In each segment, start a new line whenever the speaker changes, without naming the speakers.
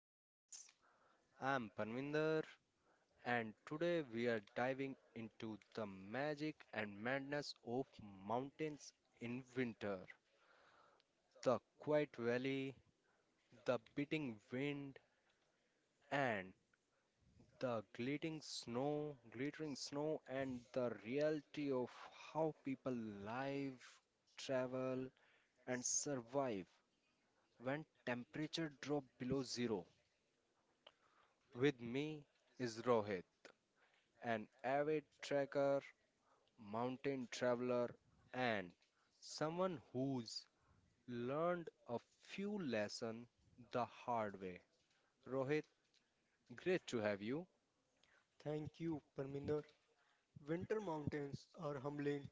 Peaks. I'm Parminder and today we are diving into the magic and madness of mountains in winter. The quiet valley, the beating wind and the glittering snow and the reality of how people live, travel and survive when temperature drop below zero. With me is Rohit, an avid trekker, mountain traveler, and someone who's learned a few lessons the hard way. Rohit, great to have you.
Thank you, Parminder. Winter mountains are humbling.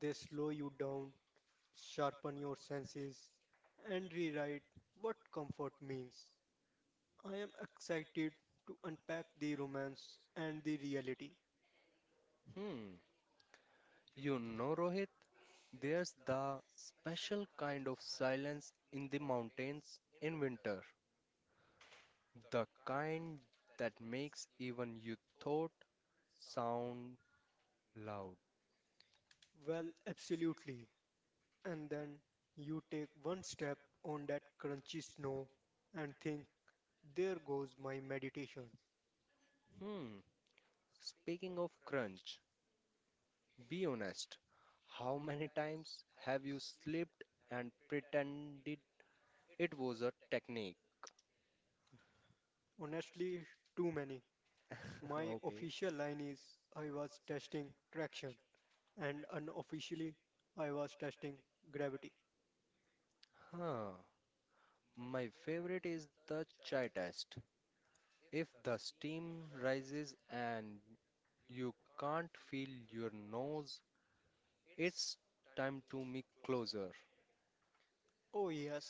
They slow you down, sharpen your senses, and rewrite what comfort means. I am excited to unpack the romance and the reality.
Hmm, Rohit, there's the special kind of silence in the mountains in winter, the kind that makes even your thought sound loud.
Well, absolutely. And then you take one step on that crunchy snow and think, there goes my meditation.
Hmm, speaking of crunch, be honest, how many times have you slipped and pretended it was a technique?
Honestly, too many. My
Okay.
official line is, I was testing traction. And unofficially, I was testing gravity.
Huh. My favorite is the chai test. If the steam rises and you can't feel your nose, it's time to move closer.
Oh, yes,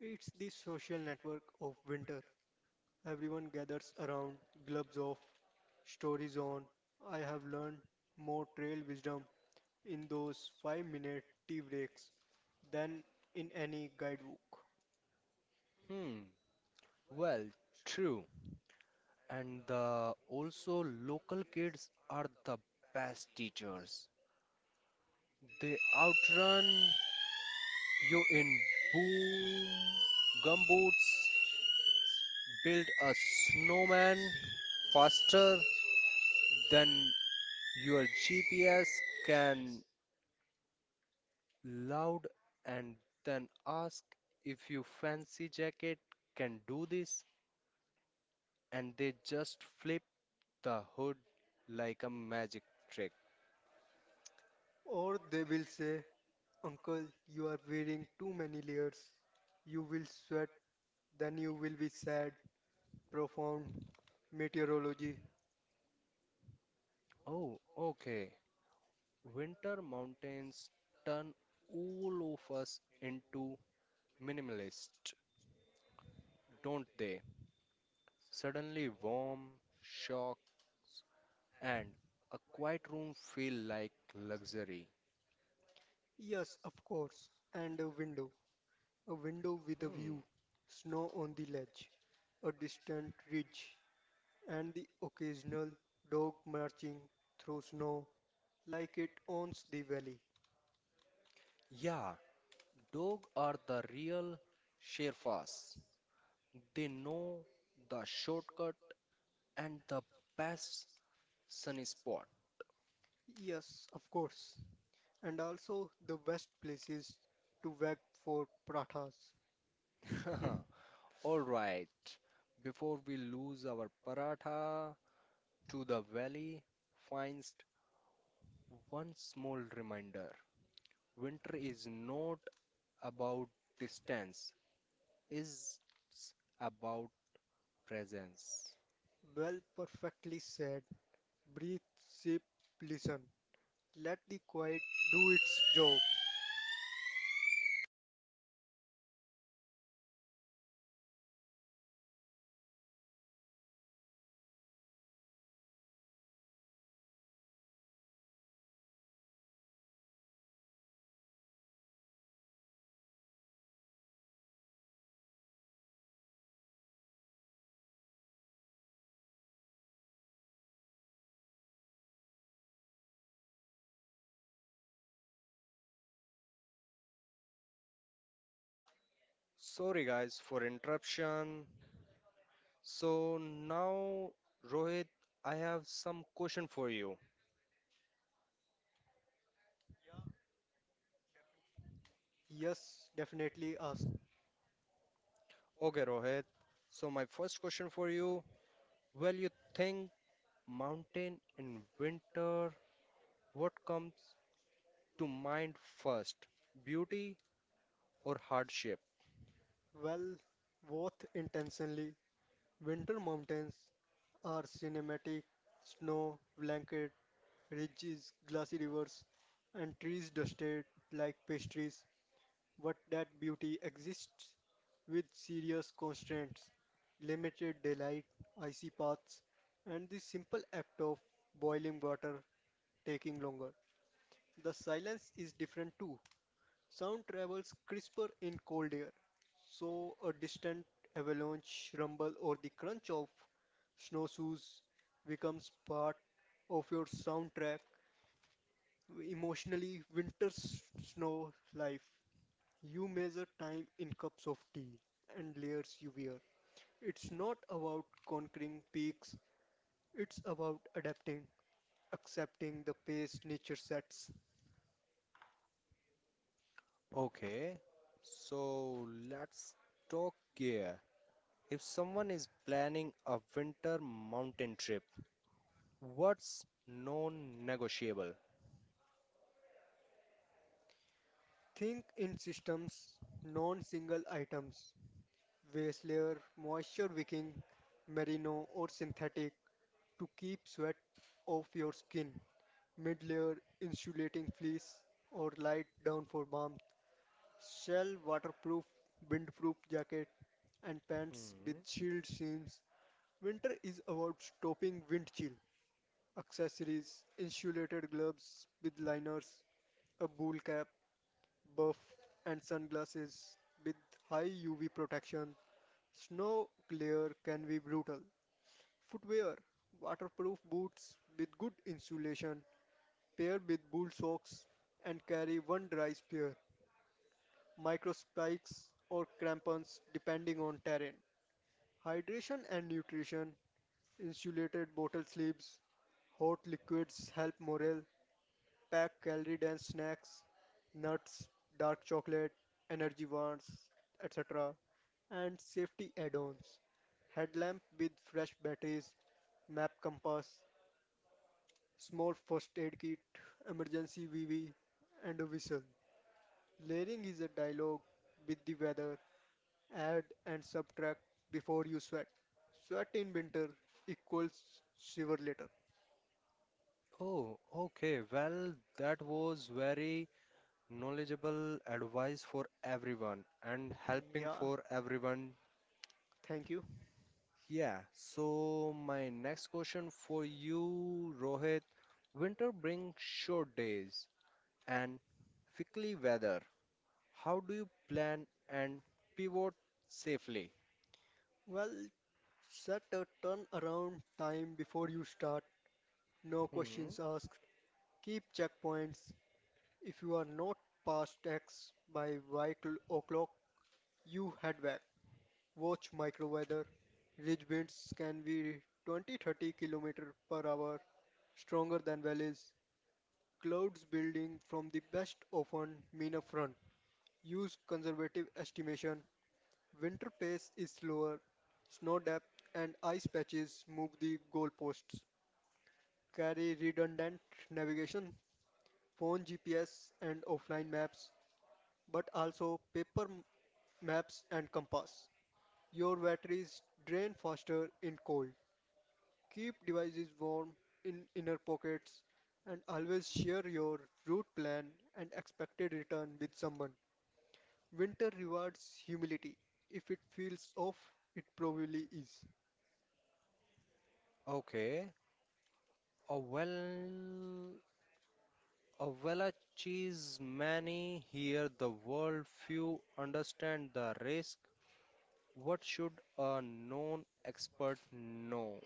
it's the social network of winter. Everyone gathers around, gloves off, stories on. I have learned more trail wisdom in those 5 minute tea breaks than in any guidebook.
Hmm. Well, true. And the also local kids are the best teachers. They outrun you in boom gumboots, build a snowman faster than your GPS can loud, and then ask if you fancy jacket can do this, and they just flip the hood like a magic trick.
Or they will say, uncle, you are wearing too many layers. You will sweat, then you will be sad. Profound meteorology.
Oh, okay. Winter mountains turn all of us into minimalist, don't they? Suddenly, warm, shock, and a quiet room feel like luxury.
Yes, of course. And a window. A window with a
Hmm.
view, snow on the ledge, a distant ridge, and the occasional dog marching through snow like it owns the valley.
Yeah, dogs are the real Sherpas. They know the shortcut and the best sunny spot.
Yes, of course. And also the best places to wag for pratas.
All right, before we lose our paratha to the valley, finds one small reminder. Winter is not about distance, is about presence.
Well, perfectly said. Breathe, sip, listen. Let the quiet do its job.
Sorry guys for interruption. So now Rohit, I have some question for you.
Yes, definitely us.
Okay Rohit. So my first question for you, well you think mountain in winter, what comes to mind first? Beauty or hardship?
Well, both intentionally. Winter mountains are cinematic snow blanket ridges, glassy rivers, and trees dusted like pastries. But that beauty exists with serious constraints, limited daylight, icy paths, and the simple act of boiling water taking longer. The silence is different too. Sound travels crisper in cold air, so a distant avalanche rumble or the crunch of snowshoes becomes part of your soundtrack. Emotionally, snow life. You measure time in cups of tea and layers you wear. It's not about conquering peaks, it's about adapting, accepting the pace nature sets.
Okay, so let's talk gear. If someone is planning a winter mountain trip, what's non-negotiable?
Think in systems, non single items. Waste layer, moisture wicking, merino or synthetic to keep sweat off your skin. Mid layer, insulating fleece or light down for warmth. Shell waterproof, windproof jacket and pants with
Hmm.
shield seams. Winter is about stopping wind chill. Accessories, insulated gloves with liners, a wool cap, buff and sunglasses with high UV protection. Snow glare can be brutal. Footwear, waterproof boots with good insulation, pair with wool socks, and carry one dry spear, microspikes or crampons depending on terrain. Hydration and nutrition, insulated bottle sleeves, hot liquids help morale, pack calorie dense snacks, nuts, dark chocolate, energy bars, etc. and safety add-ons. Headlamp with fresh batteries, map compass, small first aid kit, emergency VV, and a whistle. Layering is a dialogue with the weather. Add and subtract before you sweat. Sweat in winter equals shiver later.
Oh, okay. Well, that was very knowledgeable advice for everyone and helping
Yeah,
for everyone.
thank you.
Yeah. So my next question for you, Rohit. Winter brings short days and fickle weather. How do you plan and pivot safely?
Well, set a turnaround time before you start. No
Hmm.
questions asked. Keep checkpoints. If you are not past X by o'clock, you head back. Watch microweather. Ridge winds can be 20-30 km per hour stronger than valleys. Clouds building from the west often mean a front. Use conservative estimation. Winter pace is slower. Snow depth and ice patches move the goalposts. Carry redundant navigation, phone GPS and offline maps, but also maps and compass. Your batteries drain faster in cold. Keep devices warm in inner pockets and always share your route plan and expected return with someone. Winter rewards humility. If it feels off, it probably is.
Okay. Oh, well, a Welsh is many here the world, few understand the risk. What should a known expert know?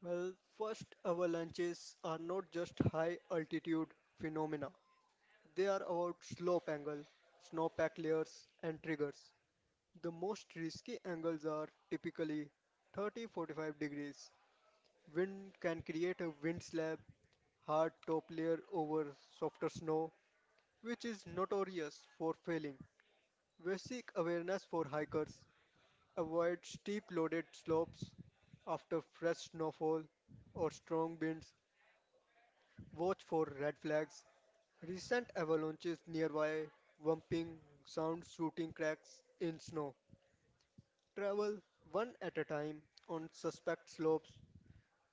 Well, first, avalanches are not just high altitude phenomena, they are about slope angle, snowpack layers, and triggers. The most risky angles are typically 30 45 degrees. Wind can create a wind slab hard top layer over softer snow, which is notorious for failing. We seek awareness for hikers, avoid steep loaded slopes after fresh snowfall or strong winds, watch for red flags. Recent avalanches nearby, bumping sound shooting cracks in snow. Travel one at a time on suspect slopes,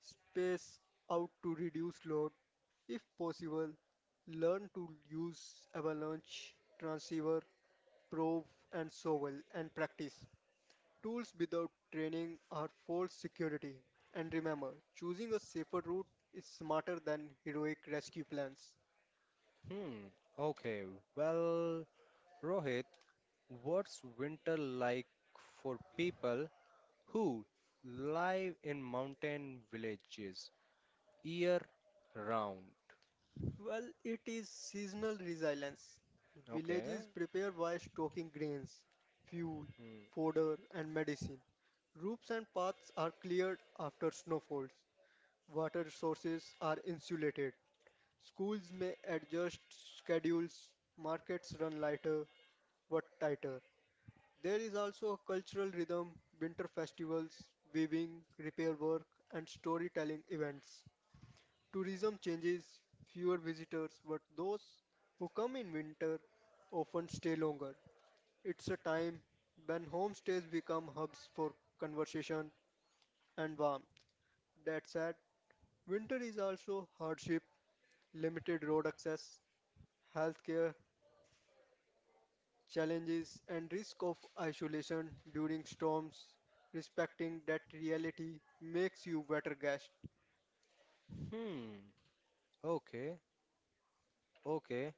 space out to reduce load. If possible, learn to use avalanche, transceiver, probe, and sovel and practice. Tools without training are false security. And remember, choosing a safer route is smarter than heroic rescue plans.
Hmm, okay, well, Rohit, what's winter like for people who live in mountain villages year round?
Well, it is seasonal resilience.
Okay,
Villages prepare by stocking grains, fuel,
hmm,
fodder, and medicine. Roofs and paths are cleared after snowfalls. Water sources are insulated. Schools may adjust schedules, markets run lighter but tighter. There is also a cultural rhythm, winter festivals, weaving, repair work, and storytelling events. Tourism changes, fewer visitors, but those who come in winter often stay longer. It's a time when homestays become hubs for conversation and warmth. That said, winter is also hardship,
hmm, okay, okay.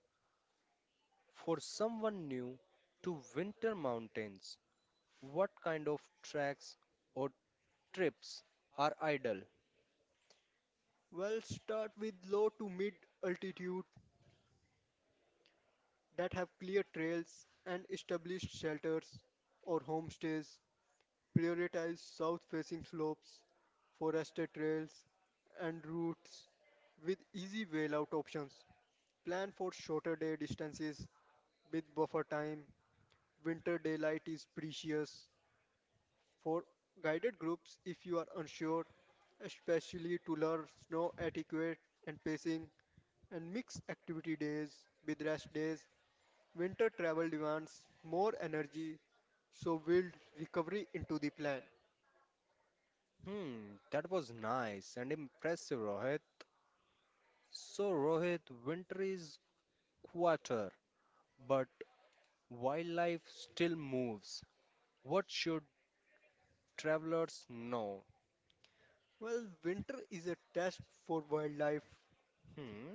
For someone new to winter mountains, what kind of tracks or trips are ideal? That was nice and impressive, Rohit. So, Rohit, winter is quieter, but wildlife still moves. What should travelers know? Hmm,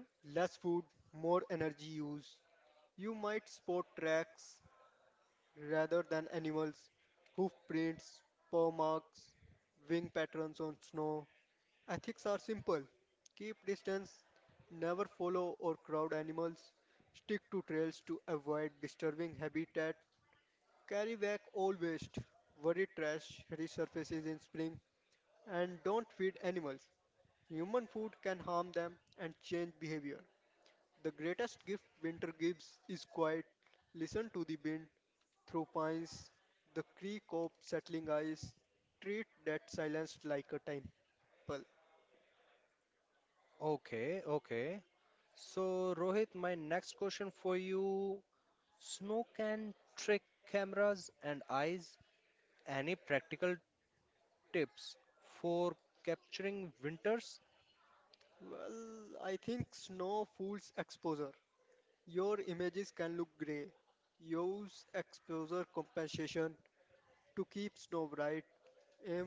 okay, okay. So, Rohit, my next question for you: snow can trick cameras and eyes. Any practical tips for capturing winters?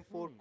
Hmm.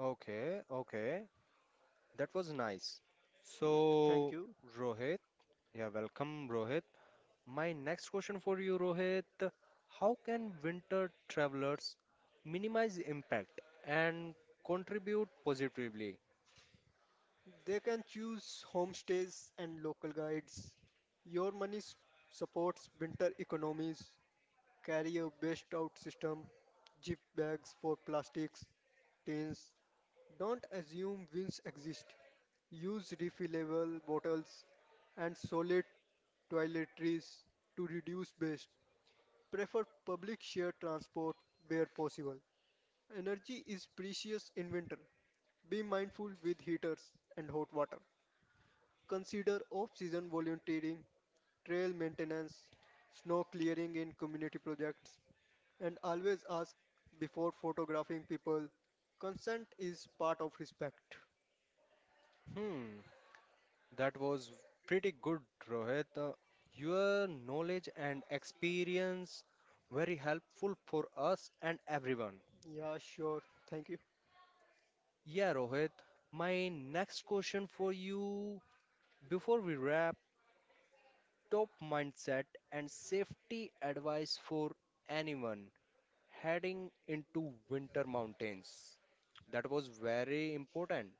Okay, okay. That was nice. So, Rohit, yeah, welcome, Rohit. My next question for you, Rohit, how can winter travelers minimize impact and contribute positively? Hmm, that was pretty good, Rohit. Your knowledge and experience very helpful for us and everyone. Yeah, Rohit, my next question for you before we wrap top mindset and safety advice for anyone heading into winter mountains. That was very important.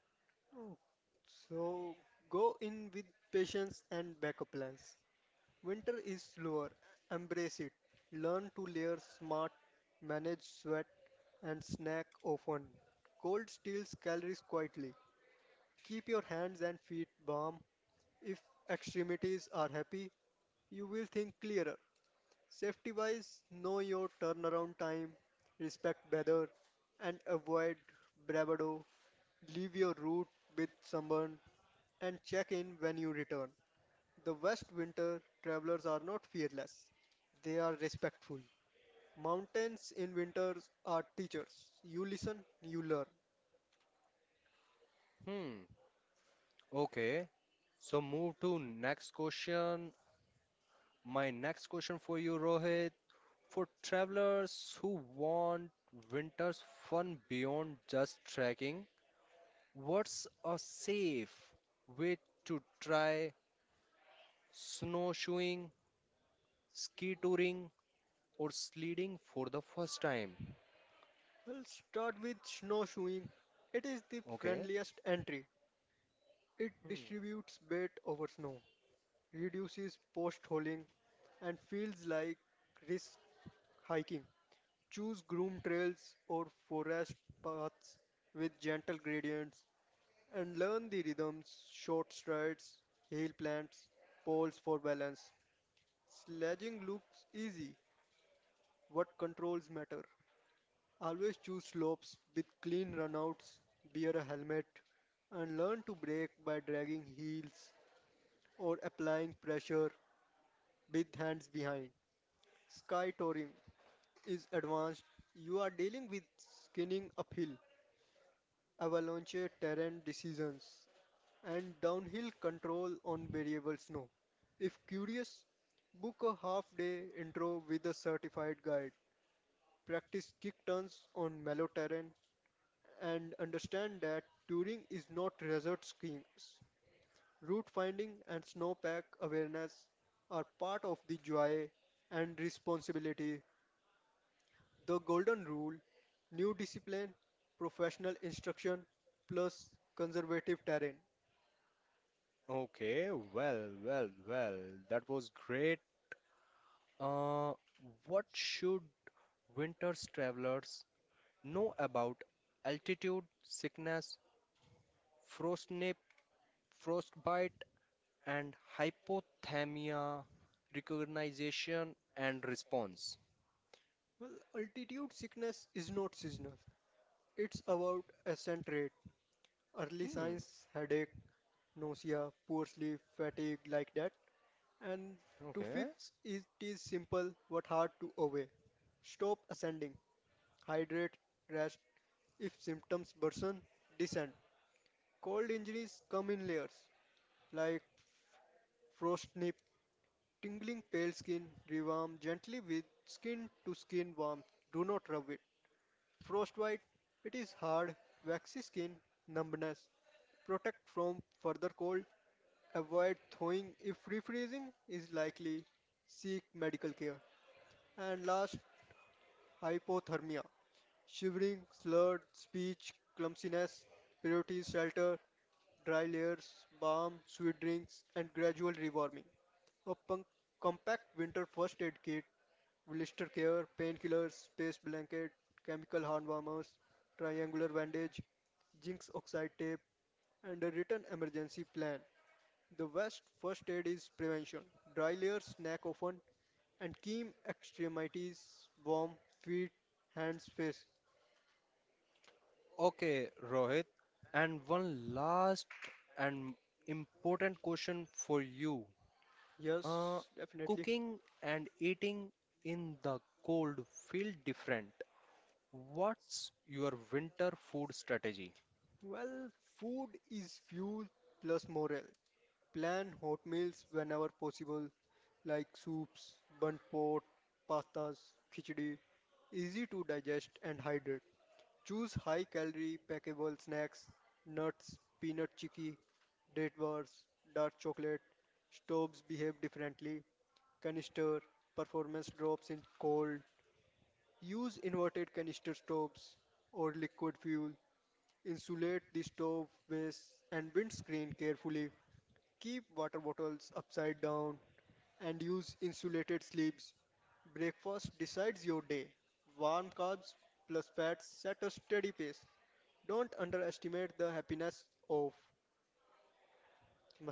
Hmm. Okay. So move to next question. My next question for you, Rohit, for travelers who want winter's fun beyond just trekking, what's a safe way to try snowshoeing, ski touring, or sledding for the first time? Okay. Hmm. Okay. Well, well, well. That was great. Uh, what should winter's travelers know about altitude sickness, frostnip, frostbite, and hypothermia recognition and response? Hmm. Okay. Okay, Rohit. And one last and important question for you. Uh, cooking and eating in the cold feel different. What's your winter food strategy?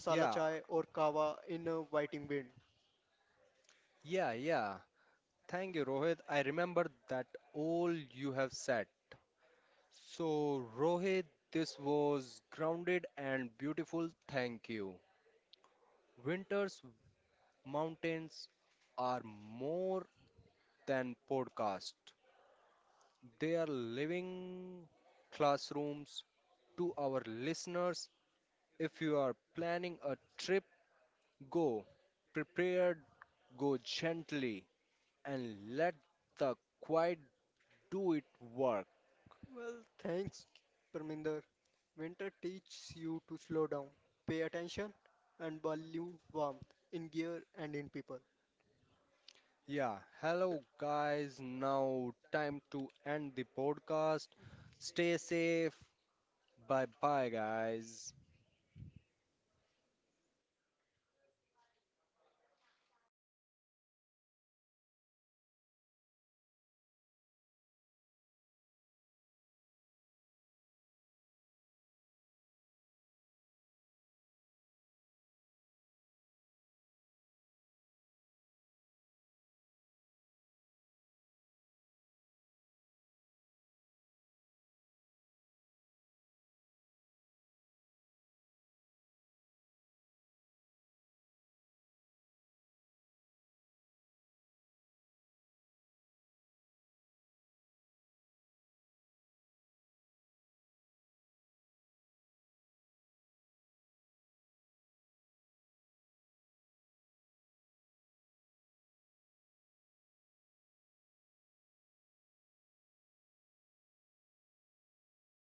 Yeah, yeah. Thank you, Rohit. I remember that all you have said. So, Rohit, this was grounded and beautiful. Thank you. Winter's mountains are more than podcast. They are living classrooms to our listeners. If you are planning a trip, go prepared, go gently, and let the quiet do it work. Yeah, hello guys. Now, time to end the podcast. Stay safe. Bye bye, guys.